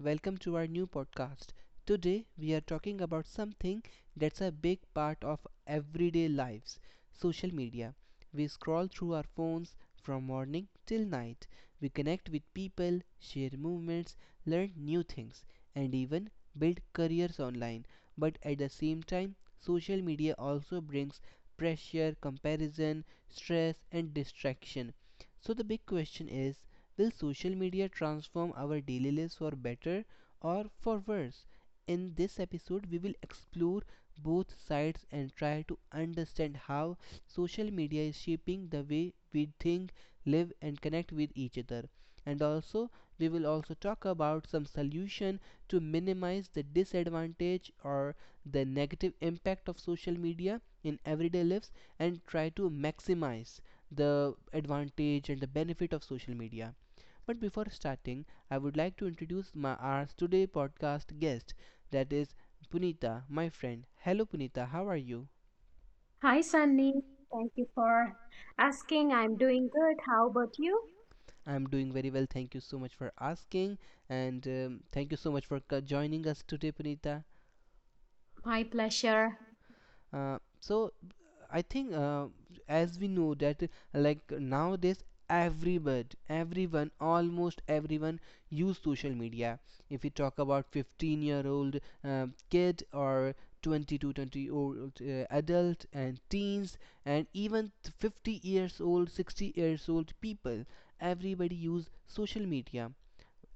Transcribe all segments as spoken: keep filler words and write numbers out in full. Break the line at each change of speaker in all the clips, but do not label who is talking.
welcome to our new podcast. Today we are talking about something that's a big part of everyday lives: social media. We scroll through our phones from morning till night. We connect with people, share movements, learn new things, and even build careers online. But at the same time, social media also brings pressure, comparison, stress, and distraction. So the big question is, will social media transform our daily lives for better or for worse? In this episode, we will explore both sides and try to understand how social media is shaping the way we think, live, and connect with each other. And also, we will also talk about some solution to minimize the disadvantage or the negative impact of social media in everyday lives and try to maximize the advantage and the benefit of social media. But before starting, I would like to introduce my, our today podcast guest, that is Punita, my friend. Hello, Punita, how are you?
Hi, Sunny. Thank you for asking. I'm doing good. How about you?
I'm doing very well. Thank you so much for asking, and um, thank you so much for co- joining us today, Punita.
My pleasure.
Uh, so I think uh, as we know that uh, like nowadays everybody everyone almost everyone use social media. If we talk about fifteen year old um, kid or twenty to twenty old uh, adult and teens, and even fifty years old, sixty years old people, everybody use social media.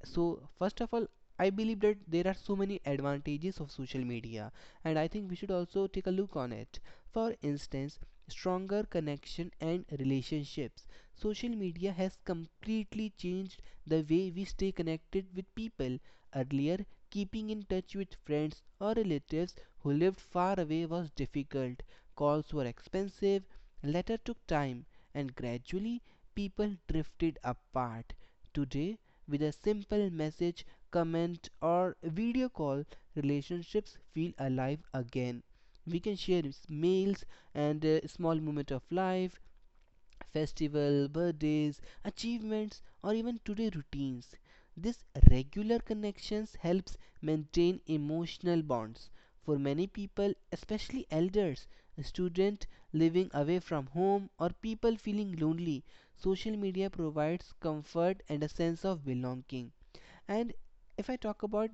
So first of all, I believe that there are so many advantages of social media, and I think we should also take a look on it. For instance, stronger connection and relationships. Social media has completely changed the way we stay connected with people. Earlier, keeping in touch with friends or relatives who lived far away was difficult. Calls were expensive, letter took time, and gradually people drifted apart. Today, with a simple message, comment, or video call, relationships feel alive again. We can share s- meals and uh, small moments of life, festival, birthdays, achievements, or even today routines. This regular connections helps maintain emotional bonds. For many people, especially elders, students living away from home, or people feeling lonely, social media provides comfort and a sense of belonging. And if I talk about,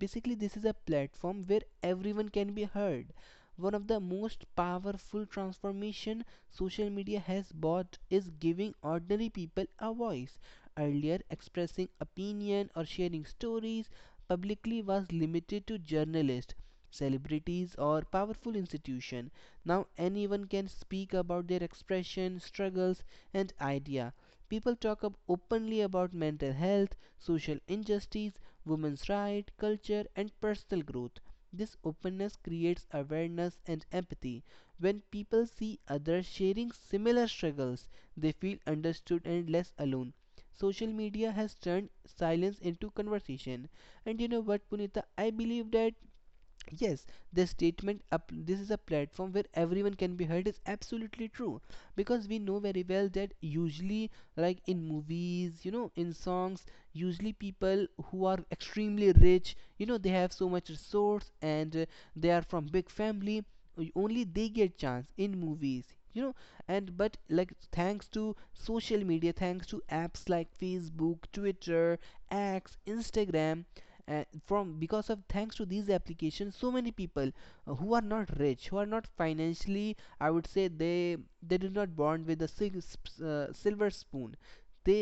basically this is a platform where everyone can be heard. One of the most powerful transformation social media has brought is giving ordinary people a voice. Earlier, expressing opinion or sharing stories publicly was limited to journalists, celebrities, or powerful institution. Now anyone can speak about their expression, struggles, and idea. People talk up openly about mental health, social injustice, women's rights, culture, and personal growth. This openness creates awareness and empathy. When people see others sharing similar struggles, they feel understood and less alone. Social media has turned silence into conversation. And you know what, Punita? I believe that yes, the statement up this is a platform where everyone can be heard is absolutely true, because we know very well that usually, like in movies, you know, in songs, usually people who are extremely rich, you know, they have so much resource and uh, they are from big family, o- only they get chance in movies. You know, and but like thanks to social media, thanks to apps like Facebook, Twitter, X, Instagram, uh, from because of thanks to these applications, so many people uh, who are not rich, who are not financially, I would say, they they did not born with a uh, silver spoon, they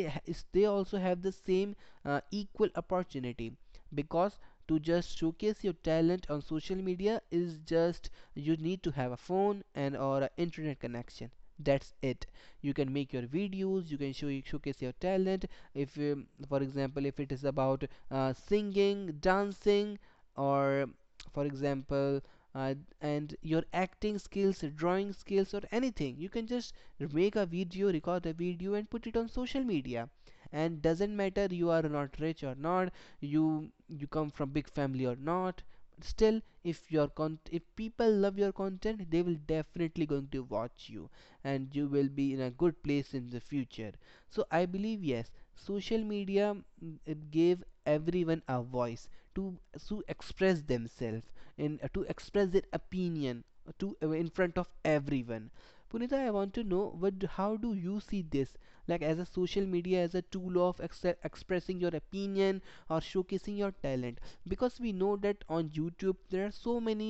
they also have the same uh, equal opportunity. Because to just showcase your talent on social media is, just you need to have a phone and or an internet connection, that's it. You can make your videos, you can show you showcase your talent. If um, For example, if it is about uh, singing, dancing, or for example, uh, and your acting skills, drawing skills, or anything. You can just make a video, record a video, and put it on social media. And doesn't matter you are not rich or not, you you come from big family or not. Still, if your con- if people love your content, they will definitely going to watch you, and you will be in a good place in the future. So I believe yes, social media mm, it gave everyone a voice to to express themselves and to express their opinion uh, to uh, in front of everyone. Punita, I want to know, what how do you see this, like as a social media as a tool of exce- expressing your opinion or showcasing your talent? Because we know that on YouTube there are so many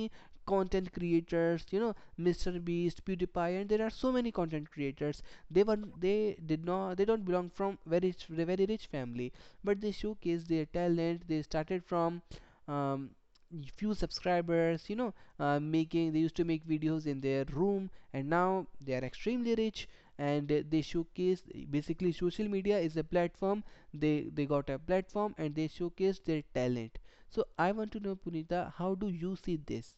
content creators, you know, mr beast pewdiepie, and there are so many content creators. They were they did not, they don't belong from very very rich family, but they showcased their talent. They started from um, few subscribers, you know, uh, making they used to make videos in their room, and now they are extremely rich. And they showcase, basically social media is a platform, they they got a platform and they showcase their talent. So I want to know, Punita, how do you see this?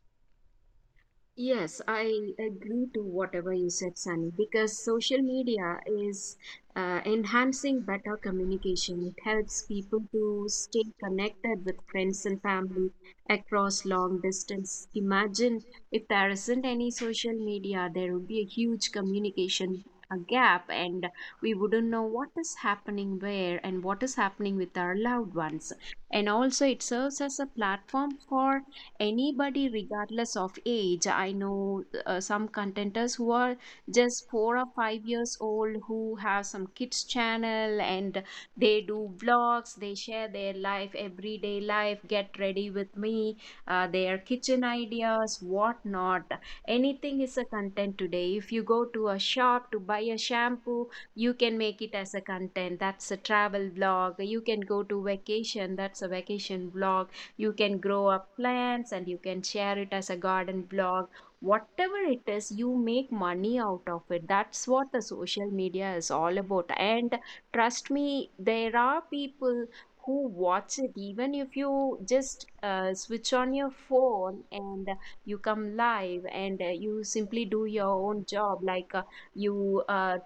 Yes, I agree to whatever you said, Sunny, because social media is uh, enhancing better communication. It helps people to stay connected with friends and family across long distance. Imagine if there isn't any social media, there would be a huge communication uh, gap, and we wouldn't know what is happening where and what is happening with our loved ones. And also, it serves as a platform for anybody regardless of age. I know uh, some contenders who are just four or five years old, who have some kids channel, and they do vlogs, they share their life, everyday life, get ready with me, uh, their kitchen ideas, whatnot. Anything is a content today. If you go to a shop to buy a shampoo, you can make it as a content. That's a travel vlog. You can go to vacation, that's a vacation vlog. You can grow up plants and you can share it as a garden blog. Whatever it is, you make money out of it. That's what the social media is all about. And trust me, there are people who watch it, even if you just uh, switch on your phone and you come live, and uh, you simply do your own job, like uh, you uh,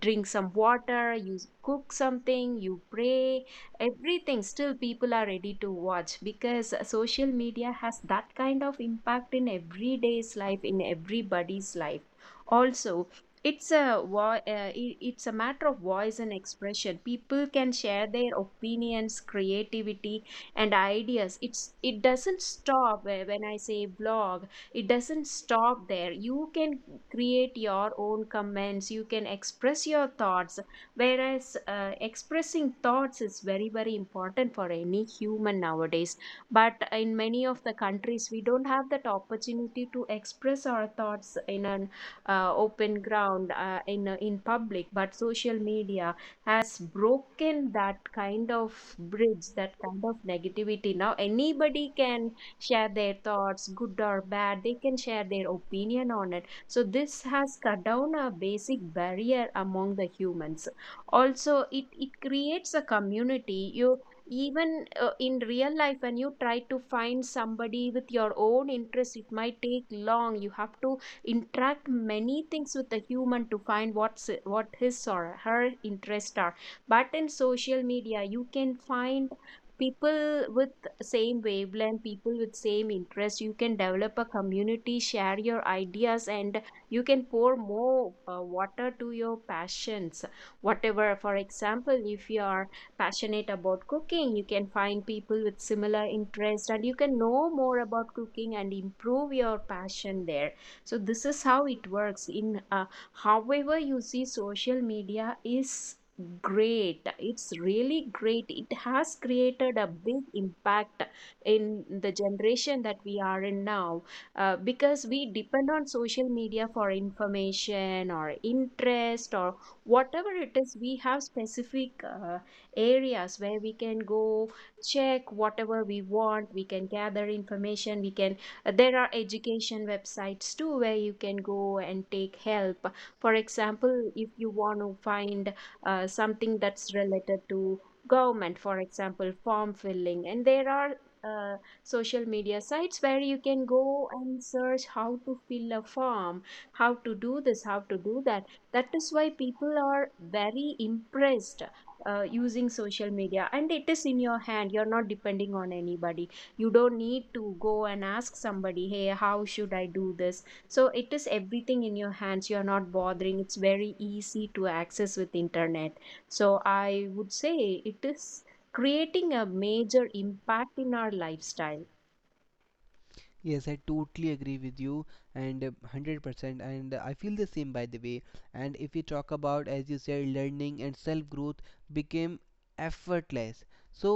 drink some water, you cook something, you pray, everything. Still, people are ready to watch, because social media has that kind of impact in everyday's life, in everybody's life. Also, it's a vo- uh, i- it's a matter of voice and expression. People can share their opinions, creativity and ideas. It's it doesn't stop uh, when I say blog, it doesn't stop there. You can create your own comments, you can express your thoughts, whereas uh, expressing thoughts is very, very important for any human nowadays. But in many of the countries we don't have that opportunity to express our thoughts in an uh, open ground, uh, in a- in public. But social media has broken that kind of bridge, that kind of negativity. Now anybody can share their thoughts, good or bad. They can share their opinion on it. So this has cut down a basic barrier among the humans. Also, it, it creates a community. You, even uh, in real life, when you try to find somebody with your own interest, it might take long. You have to interact many things with the human to find what's what his or her interests are. But in social media you can find people with same wavelength, people with same interest. You can develop a community, share your ideas, and you can pour more uh, water to your passions, whatever. For example, if you are passionate about cooking, you can find people with similar interest and you can know more about cooking and improve your passion there. So this is how it works in, uh, however you see, social media is great, it's really great. It has created a big impact in the generation that we are in now, uh, because we depend on social media for information or interest or whatever it is. We have specific uh, areas where we can go check whatever we want. We can gather information. We can uh, There are education websites too, where you can go and take help. For example, if you want to find uh, something that's related to government, for example form filling, and there are uh, social media sites where you can go and search how to fill a form, how to do this, how to do that. That is why people are very impressed uh, using social media. And it is in your hand, you're not depending on anybody. You don't need to go and ask somebody, hey, how should I do this? So it is everything in your hands, you're not bothering, it's very easy to access with internet. So I would say it is creating a major impact in our lifestyle.
Yes, I totally agree with you and uh, one hundred percent. And I feel the same, by the way. And if we talk about, as you said, learning and self growth became effortless. So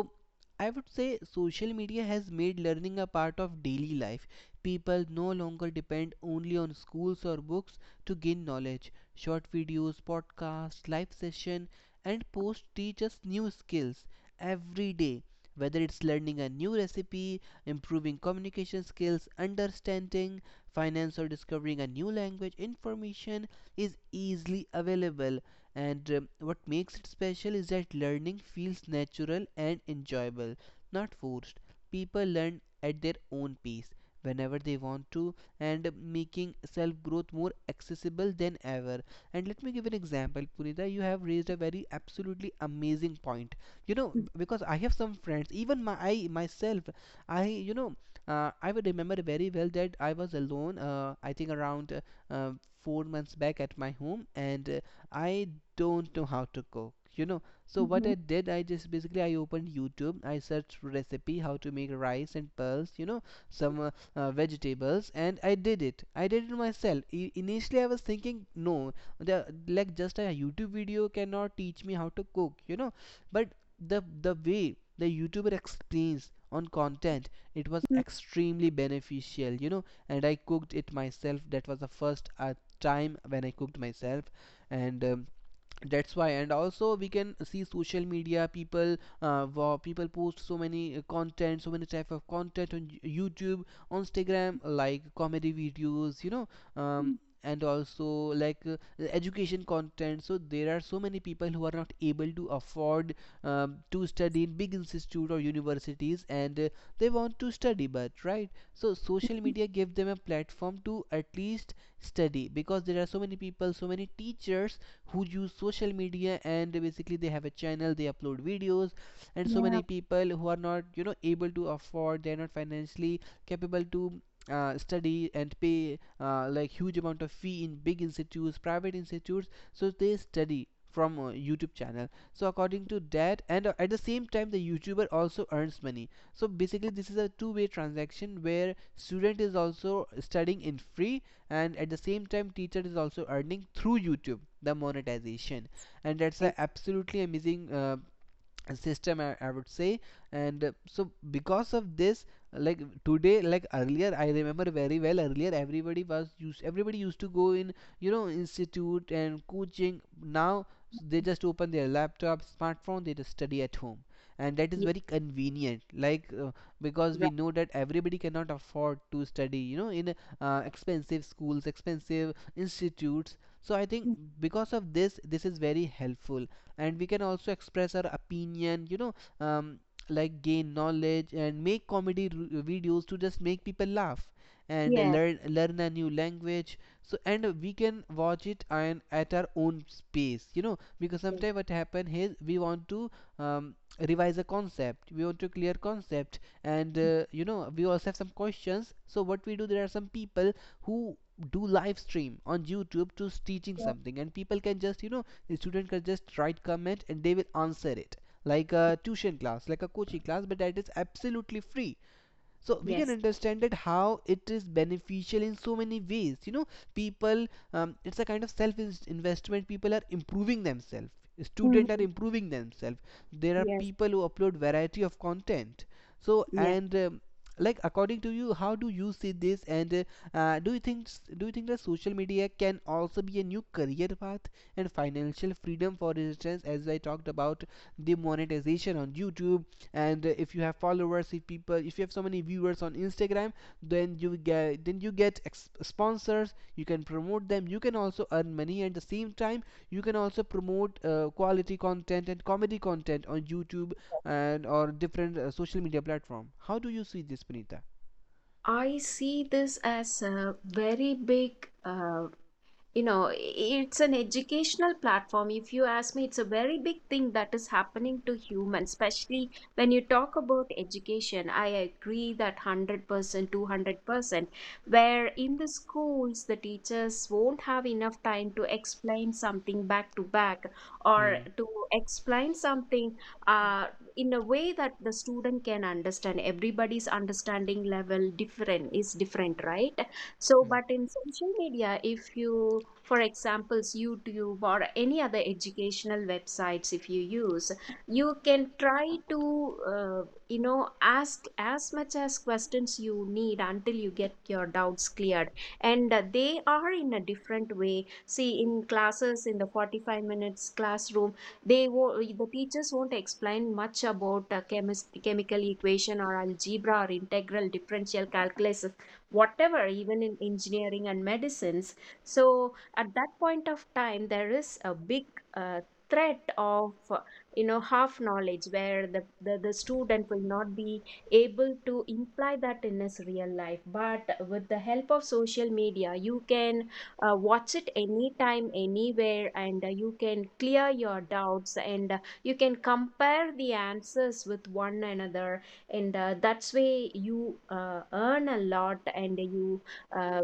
I would say social media has made learning a part of daily life. People no longer depend only on schools or books to gain knowledge. Short videos, podcasts, live session, and posts teach us new skills every day, whether it's learning a new recipe, improving communication skills, understanding finance, or discovering a new language. Information is easily available, and um, what makes it special is that learning feels natural and enjoyable, not forced. People learn at their own pace whenever they want to, and making self growth more accessible than ever. And let me give an example, Punita. You have raised a very absolutely amazing point, you know, because I have some friends, even my I myself, I, you know, uh, I would remember very well that I was alone, uh, I think around uh, uh, four months back at my home, and uh, I don't know how to cook, you know. So what
Mhm.
I did, I just basically I opened YouTube, I searched recipe how to make rice and pearls, you know, some uh, uh, vegetables, and I did it. I did it myself. I- initially, I was thinking, no, the like just a YouTube video cannot teach me how to cook, you know. But the the way the youtuber explains on content, it was
Mm,
extremely beneficial, you know, and I cooked it myself. That was the first uh, time when I cooked myself. And um, that's why, and also we can see social media, people uh, wo- people post so many uh, content, so many type of content on YouTube, on Instagram, like comedy videos, you know, um, and also like uh, education content. So there are so many people who are not able to afford um, to study in big institute or universities, and uh, they want to study, but right, so social media give them a platform to at least study. Because there are so many people, so many teachers who use social media, and basically they have a channel, they upload videos, and so
yeah,
many people who are not, you know, able to afford, they're not financially capable to uh, study and pay uh, like huge amount of fee in big institutes, private institutes, so they study from uh, YouTube channel. So according to that, and uh, at the same time the youtuber also earns money. So basically this is a two way transaction where student is also studying in free, and at the same time teacher is also earning through YouTube, the monetization. And that's a
right.
absolutely amazing uh, system, I, I would say. And uh, so because of this, like today, like earlier I remember very well, earlier everybody was used everybody used to go in, you know, institute and coaching. Now they just open their laptop, smartphone, they just study at home, and that is
Yes,
very convenient. Like uh, because we know that everybody cannot afford to study, you know, in uh, expensive schools, expensive institutes. So I think
right.
because of this, this is very helpful. And we can also express our opinion, you know, um, like gain knowledge and make comedy videos to just make people laugh, and
Yes,
learn learn a new language. So and we can watch it and at our own space, you know. Because sometimes what happen is we want to um, revise a concept, we want to clear concept, and uh, you know we also have some questions. So what we do, there are some people who do live stream on YouTube to teaching something, and people can just, you know, the student can just write comment and they will answer it, like a tuition class, like a coaching class, but that is absolutely free, so we can
yes,
understand that how it is beneficial in so many ways. You know people um, it's a kind of self investment. People are improving themselves, students are
yes.
improving themselves. There are
Yes,
people who upload variety of content. So
yes.
and um, like, according to you, how do you see this? And uh, uh, do you think do you think that social media can also be a new career path and financial freedom? For instance, as I talked about the monetization on YouTube and uh, if you have followers, if people, if you have so many viewers on Instagram, then you get, then you get sponsors. You can promote them, you can also earn money at the same time. You can also promote uh, quality content and comedy content on YouTube, and or different uh, social media platform. How do you see this, Punita?
I see this as a very big uh, you know it's an educational platform if you ask me. It's a very big thing that is happening to humans, especially when you talk about education. I agree that one hundred percent two hundred percent, where in the schools the teachers won't have enough time to explain something back to back, or
Hmm.
to explain something uh, in a way that the student can understand. Everybody's understanding level different is different, right? So,
Hmm.
but in social media, if you, for examples, YouTube or any other educational websites, if you use, you can try to, uh, you know, ask as much as questions you need until you get your doubts cleared. And uh, they are in a different way. See, in classes, in the forty-five minutes classroom, they wo- the teachers won't explain much about uh, chemis- chemical equation or algebra or integral differential calculus, whatever, even in engineering and medicines. So at that point of time there is a big uh, threat of uh, you know half knowledge, where the, the the student will not be able to imply that in his real life. But with the help of social media, you can uh, watch it anytime anywhere, and uh, you can clear your doubts, and uh, you can compare the answers with one another, and uh, that's way you uh, earn a lot, and you uh,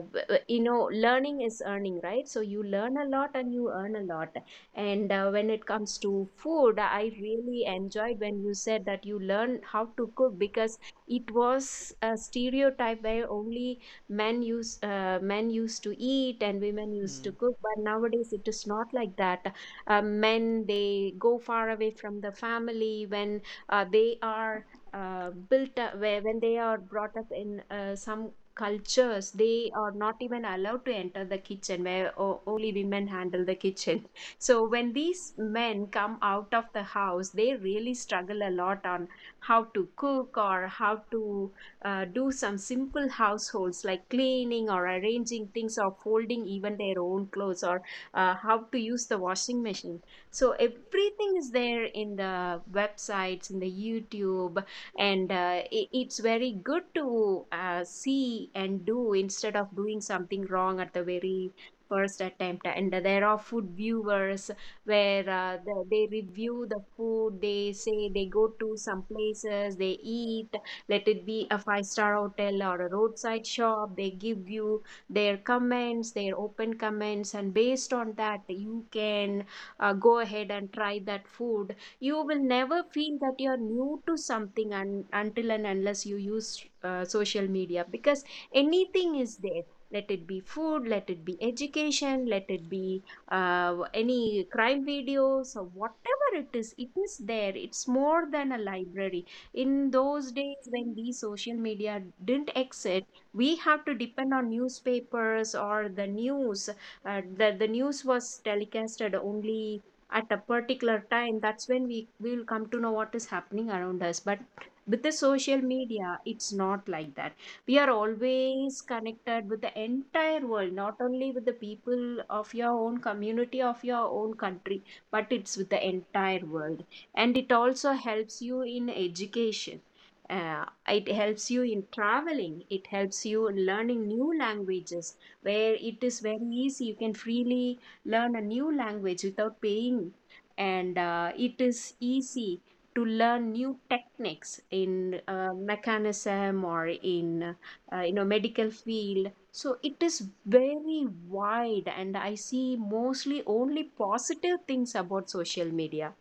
you know learning is earning, right? So you learn a lot and you earn a lot. And uh, when it comes to food, I really enjoyed when you said that you learn how to cook, because it was a stereotype where only men use uh, men used to eat and women used
Hmm.
to cook. But nowadays it is not like that. Uh, men, they go far away from the family when uh, they are uh, built up, where when they are brought up in uh, some cultures, they are not even allowed to enter the kitchen, where o- only women handle the kitchen. So when these men come out of the house, they really struggle a lot on how to cook or how to uh, do some simple households, like cleaning or arranging things or folding even their own clothes, or uh, how to use the washing machine. So everything is there in the websites, in the YouTube, and uh, i- it's very good to uh, see and do, instead of doing something wrong at the very first attempt. And there are food viewers where, uh, the, they review the food, they say, they go to some places, they eat, let it be a five star hotel or a roadside shop, they give you their comments, their open comments. And based on that you can uh, go ahead and try that food. You will never feel that you're new to something, and until and unless you use uh, social media, because anything is there. Let it be food, let it be education, let it be uh, any crime videos, or whatever it is, it is there. It's more than a library. In those days, when these social media didn't exist, we have to depend on newspapers or the news. Uh, the, the news was telecasted only at a particular time, that's when we we will come to know what is happening around us. But with the social media it's not like that. We are always connected with the entire world, not only with the people of your own community, of your own country, but it's with the entire world. And it also helps you in education. uh, it helps you in traveling, it helps you in learning new languages, where it is very easy, you can freely learn a new language without paying. And uh, it is easy to learn new techniques in uh, mechanism, or in uh, you know medical field. So it is very wide, and I see mostly only positive things about social media.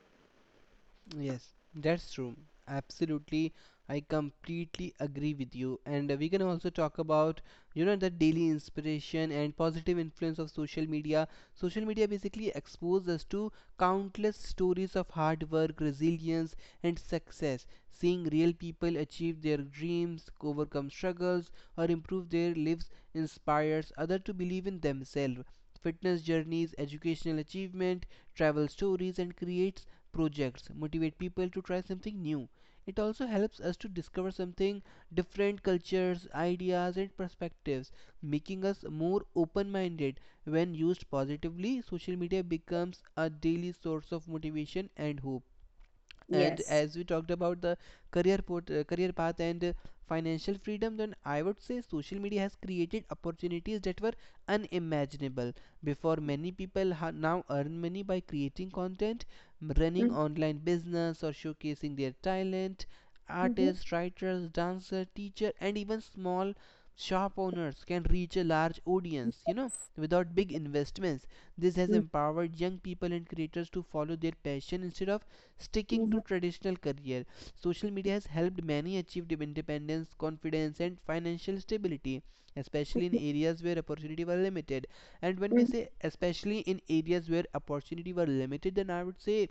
Yes, that's true. Absolutely. I completely agree with you. And uh, we can also talk about, you know, the daily inspiration and positive influence of social media. Social media basically exposes us to countless stories of hard work, resilience, and success. Seeing real people achieve their dreams, overcome struggles, or improve their lives inspires others to believe in themselves. Fitness journeys, educational achievement, travel stories, and creates projects motivate people to try something new. It also helps us to discover something, different cultures, ideas, and perspectives, making us more open minded. When used positively, social media becomes a daily source of motivation and hope. And
Yes.
as we talked about the career port, uh, career path and uh, financial freedom, then I would say social media has created opportunities that were unimaginable before. Many people ha- now earn money by creating content, m- running
Mhm,
online business, or showcasing their talent.
mhm,
Artists, writers, dancer, teacher, and even small shop owners can reach a large audience you know without big investments. This has empowered young people and creators to follow their passion instead of sticking to
mhm,
traditional career. Social media has helped many achieve independence, confidence, and financial stability, especially in
mhm,
areas where opportunity were limited. And when we
mhm,
say especially in areas where opportunity were limited, then I would say,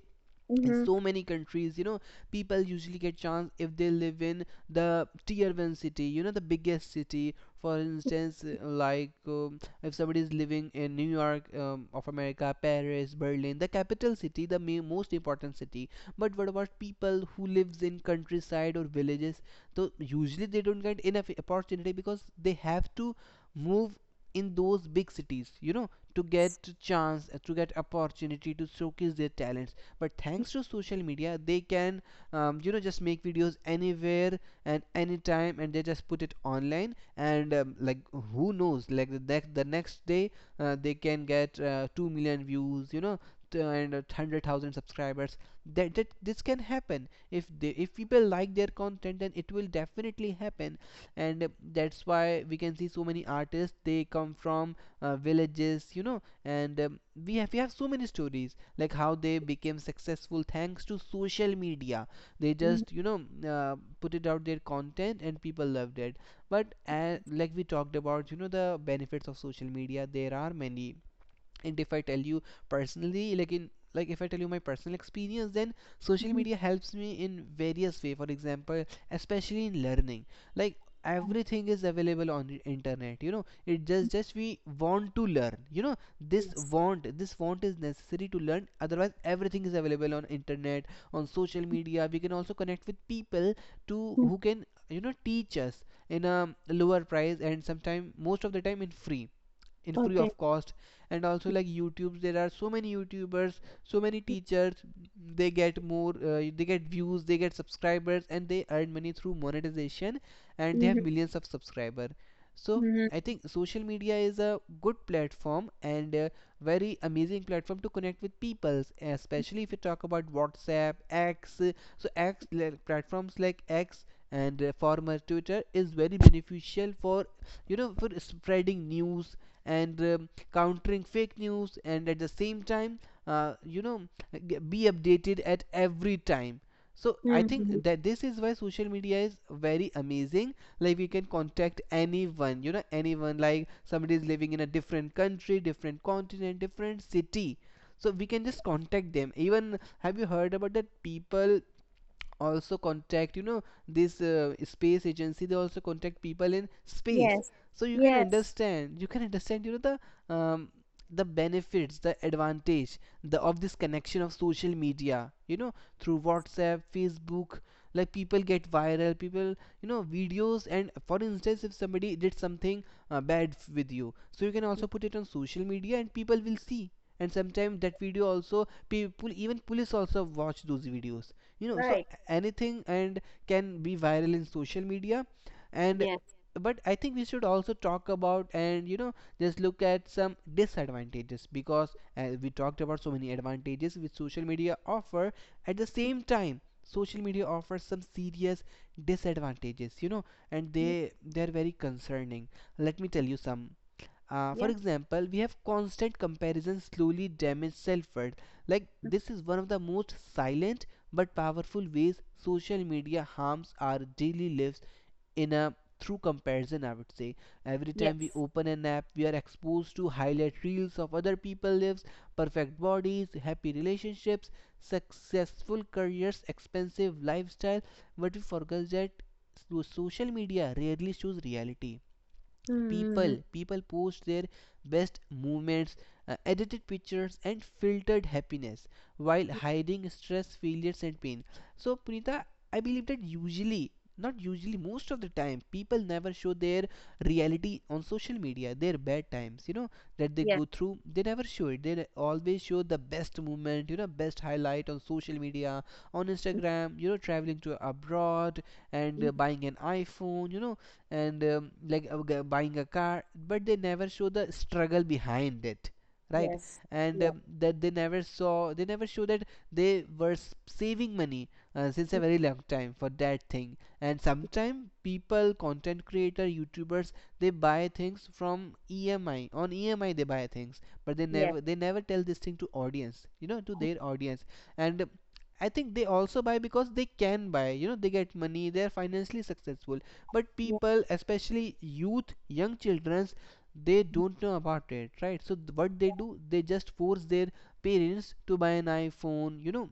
in
mhm,
so many countries you know people usually get chance if they live in the tier one city, you know the biggest city, for instance. Uh, like um, if somebody is living in New York, um, of America, Paris, Berlin, the capital city, the main, most important city. But what about people who lives in countryside or villages? So usually they don't get enough opportunity, because they have to move in those big cities, you know to get chance, uh, to get opportunity to showcase their talents. But thanks to social media, they can um, you know just make videos anywhere and anytime, and they just put it online, and um, like, who knows, like the, the next day uh, they can get uh, 2 million views, you know and uh, one hundred thousand subscribers, that, that this can happen if they, if people like their content, then it will definitely happen. And uh, that's why we can see so many artists. They come from uh, villages, you know and um, we have we have so many stories like how they became successful thanks to social media. They
mhm, mhm,
just you know uh, put it out their content and people loved it. But uh, like we talked about, you know the benefits of social media, there are many. And if I tell you personally, like, in, like, if I tell you my personal experience, then social
mhm.
media helps me in various way. For example, especially in learning, like everything is available on the internet, you know it just just we want to learn, you know this want, this want is necessary to learn. Otherwise everything is available on internet, on social media. We can also connect with people to
Mm.
who can you know teach us in a lower price, and sometime, most of the time, in free, in free
Okay.
of cost. And also like YouTube, there are so many YouTubers, so many teachers, they get more uh, they get views, they get subscribers, and they earn money through monetization, and they have
Mhm,
millions of subscriber. So
mhm,
I think social media is a good platform and a very amazing platform to connect with people, especially if you talk about WhatsApp, X. So X, like, platforms like X and uh, former Twitter is very beneficial for you know for spreading news and um countering fake news, and at the same time uh, you know be updated at every time. So I think
mhm.
that this is why social media is very amazing. Like, we can contact anyone, you know anyone, like somebody is living in a different country, different continent, different city, so we can just contact them. Even, have you heard about that people also contact, you know this uh, space agency, they also contact people in space?
Yes,
So you can
yes,
understand, you can understand you know the um, the benefits, the advantage, the of this connection of social media, you know through WhatsApp, Facebook. Like, people get viral, people, you know videos, and for instance, if somebody did something uh, bad f- with you, so you can also put it on social media and people will see. And sometimes that video also, people, even police also watch those videos, you know so
right,
anything and can be viral in social media. And
yes.
but I think we should also talk about, and you know just look at some disadvantages, because as we talked about so many advantages which social media offer, at the same time social media offers some serious disadvantages, you know and they they're very concerning. Let me tell you some. Uh, for
Yeah.
example, we have constant comparison slowly damage self-worth. Like,
Mm.
this is one of the most silent but powerful ways social media harms our daily lives, in a through comparison. I would say every time we
Yes.
open an app, we are exposed to highlight reels of other people's lives, perfect bodies, happy relationships, successful careers, expensive lifestyle. But we forget that so- social media rarely shows reality.
Mm-hmm.
People people post their best moments, uh, edited pictures and filtered happiness, while hiding stress, failures, and pain. So Punita, I believe that, usually, not usually, most of the time, people never show their reality on social media, their bad times, you know that they go
Yes.
through. They never show it. They always show the best moment, you know best highlight on social media, on Instagram, you know traveling to abroad and uh,
Mhm.
buying an iPhone, you know and um, like uh, buying a car. But they never show the struggle behind it, right?
Yes.
And
Yes.
um, that they never saw, they never show that they were saving money uh, since a
Mm.
very long time for that thing. And sometimes people, content creator, YouTubers, they buy things from EMI, on EMI they buy things, but they
Yes.
never, they never tell this thing to audience, you know to their audience. And um, I think they also buy because they can buy. You know, they get money. They are financially successful. But
Yeah.
people, especially youth, young childrens, they don't know about it, right? So th- what they do, they just force their parents to buy an iPhone. you know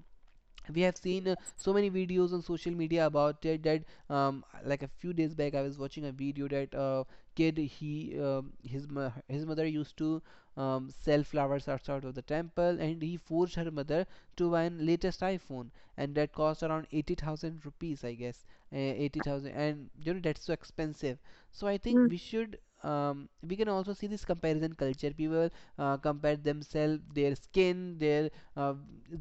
We have seen uh, so many videos on social media about it, that um, like a few days back I was watching a video that uh, kid, he um, his mo- his mother used to um, sell flowers outside of the temple, and he forced her mother to buy an latest iPhone, and that cost around eighty thousand rupees, I guess, uh, eighty thousand. And you know that's so expensive. So I think
Mm.
we should um, we can also see this comparison culture. People uh, compare themselves, their skin, their uh,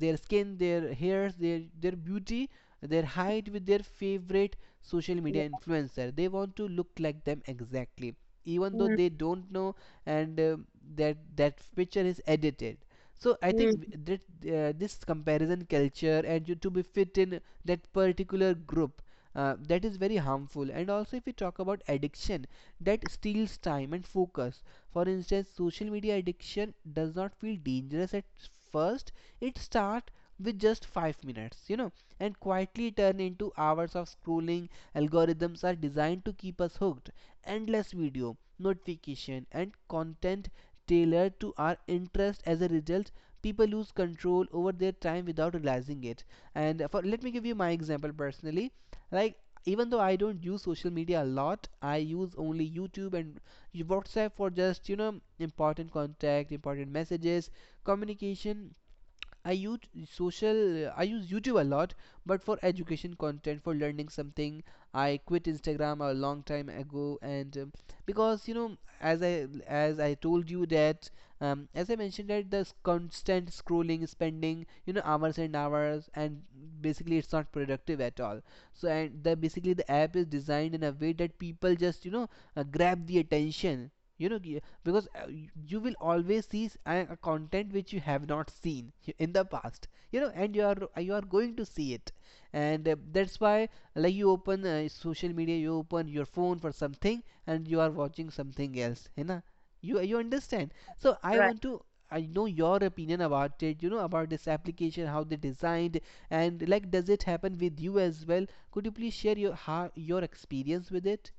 their skin their hairs, their their beauty, their height, with their favorite social
Yeah.
media influencer. They want to look like them exactly, even though
Mm.
they don't know and uh, that that picture is edited. So I
Mm.
think that uh, this comparison culture and you to be fit in that particular group, uh, that is very harmful. And also if we talk about addiction that steals time and focus, for instance social media addiction does not feel dangerous at first. It starts with just five minutes, you know and quietly turn into hours of scrolling. Algorithms are designed to keep us hooked, endless video notification and content tailored to our interest. As a result, people lose control over their time without realizing it. And for, let me give you my example personally, like, even though I don't use social media a lot, I use only YouTube and WhatsApp for just you know important contact, important messages, communication. I use social I use YouTube a lot, but for education content, for learning something. I quit Instagram a long time ago, and um, because you know, as I as I told you that, um, as I mentioned, that the s- constant scrolling, spending you know hours and hours, and basically it's not productive at all. So, and the basically, the app is designed in a way that people just you know uh, grab the attention, you know because uh, you will always see a content which you have not seen in the past, you know and you are, you are going to see it. And uh, that's why, like, you open uh, social media, you open your phone for something, and you are watching something else, you know you, you understand. So I
Right.
want to, I know your opinion about it, you know about this application, how they designed, and like, does it happen with you as well? Could you please share your, how your experience with it?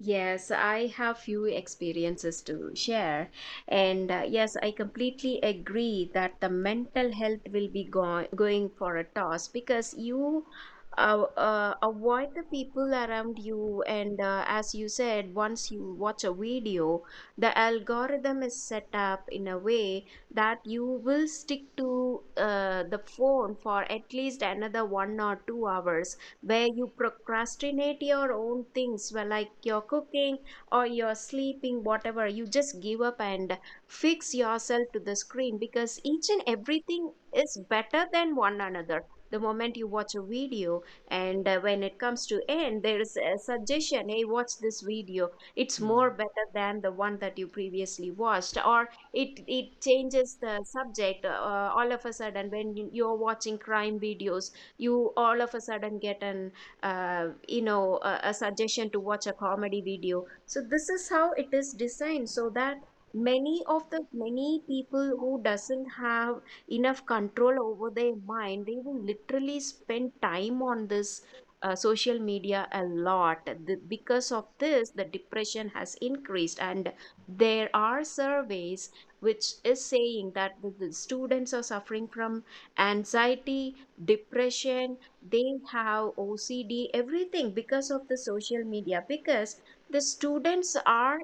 Yes, I have few experiences to share. And uh, yes, I completely agree that the mental health will be go going for a toss, because you uh, uh, avoid the people around you. And uh, as you said, once you watch a video, the algorithm is set up in a way that you will stick to uh, the phone for at least another one or two hours, where you procrastinate your own things, well, like your cooking or your sleeping, whatever. You just give up and fix yourself to the screen, because each and everything is better than one another. The moment you watch a video, and uh, when it comes to end, there is a suggestion, hey, watch this video. It's
Hmm.
more better than the one that you previously watched, or it, it changes the subject uh, all of a sudden. When you- you're watching crime videos, you all of a sudden get an uh, you know a, a suggestion to watch a comedy video. So this is how it is designed, so that many of the many people who doesn't have enough control over their mind, they will literally spend time on this uh, social media a lot. The- because of this, the depression has increased, and there are surveys which is saying that the, the students are suffering from anxiety, depression. They have OCD, everything, because of the social media, because the students are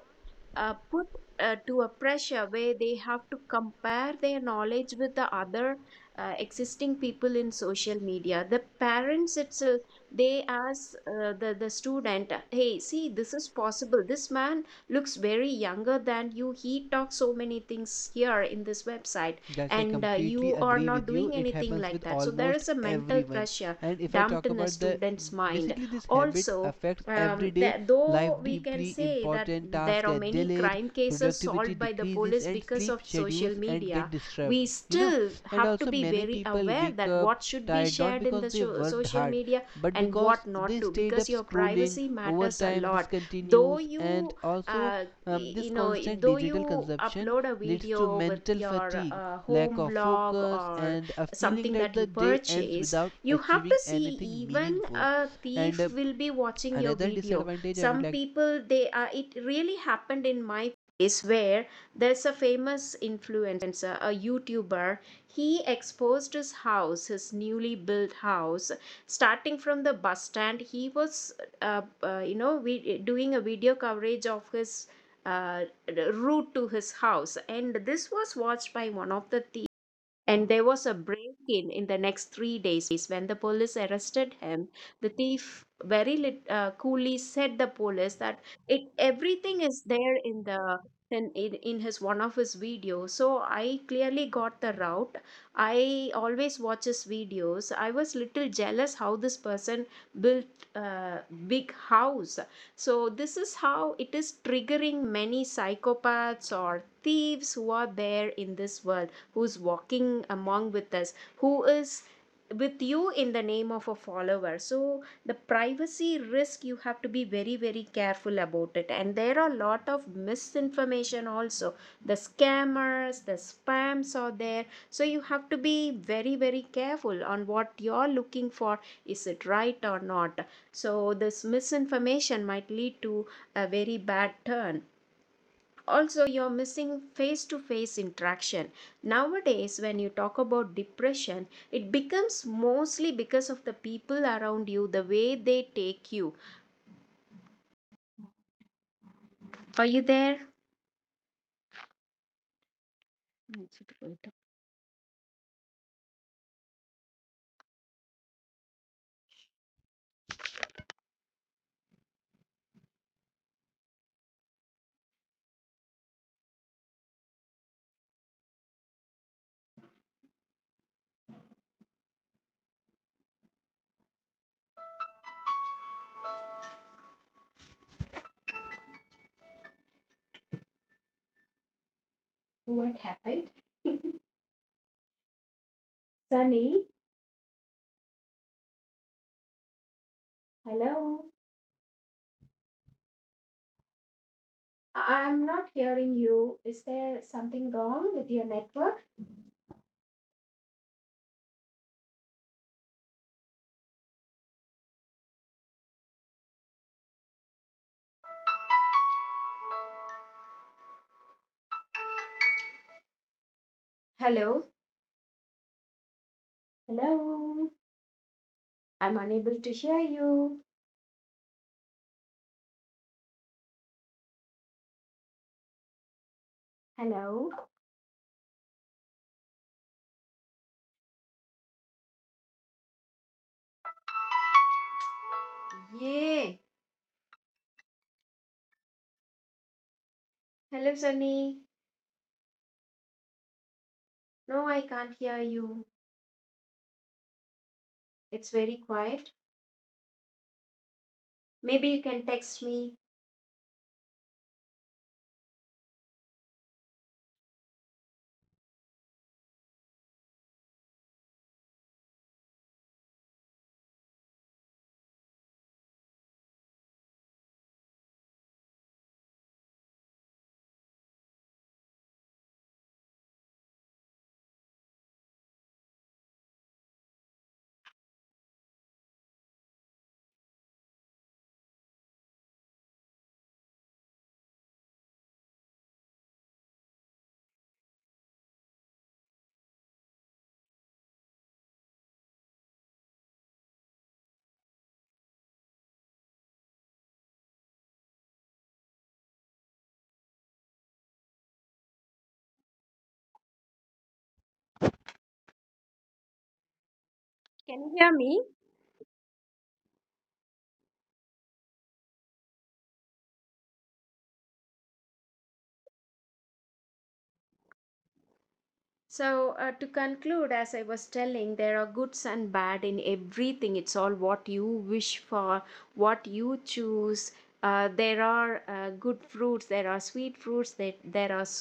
uh, put uh, to a pressure where they have to compare their knowledge with the other uh, existing people in social media. The parents itself, they ask uh, the the student, hey, see, this is possible, this man looks very younger than you, he talks so many things here in this website,
Yes, I
and uh,
completely
you are
agree
not
with you.
doing
It
anything
happens
like
with
that. So there
almost
is a mental
everyone.
pressure
And if I
dumped
talk
in a
about, the
student's mind
basically this habit
also.
affects
Um,
everyday
that though
life
we can
deeply.
say that
Important tasks
there are
get
many
delayed,
crime cases
productivity
solved by the
decreases,
police
and
because
sleep
of social
schedules and get
media,
disturbed.
we
You know,
still
and
have to
also
be
many
very
people
aware
wake
that
up
what should be
tired, not
shared in
because
the
they
sho-
worked
social
hard,
media
but
and
because
what not
they
to,
stayed
because
up
your
scrolling.
privacy
Over
matters a
time, this
lot. Though
continues,
you,
and also
uh,
um,
y- you
this
know,
constant
though
digital
you
consumption
upload a
leads to
video with
mental
your
fatigue,
uh,
lack
home
of
blog
focus,
or
and a feeling
something
that
that you
the day ends
purchase,
without
you have to
achieving
see,
anything
even
meaningful.
a
And uh,
thief will be watching your
another
video.
disadvantage I would like
Some people, they are, it really happened in my place, where there's a famous influencer, a YouTuber. He exposed his house, his newly built house, starting from the bus stand. He was uh, uh, you know we, doing a video coverage of his uh, route to his house, and this was watched by one of the thieves. And there was a break in in the next three days, when the police arrested him. The thief very lit, uh, coolly said the police that it everything is there in the in, in in his one of his videos. So I clearly got the route. I always watch his videos. I was little jealous how this person built a big house. So this is how it is triggering many psychopaths or thieves who are there in this world, who's walking among with us, who is with you in the name of a follower. So the privacy risk, you have to be very very careful about it. And there are a lot of misinformation also, the scammers, the spams are there, so you have to be very very careful on what you're looking for, is it right or not. So this misinformation might lead to a very bad turn also. You're missing face to face interaction. Nowadays when you talk about depression, it becomes mostly because of the people around you, the way they take you. Are you there? What happened, Sunny? Hello. I- I'm not hearing you. Is there something wrong with your network? Hello, hello, I'm unable to hear you. Hello. Yay. Hello, Sunny. No, I can't hear you. It's very quiet. Maybe you can text me. Can you hear me? So, uh, to conclude, as I was telling, there are goods and bad in everything. It's all what you wish for, what you choose. Uh, there are uh, good fruits, there are sweet fruits, there, there are so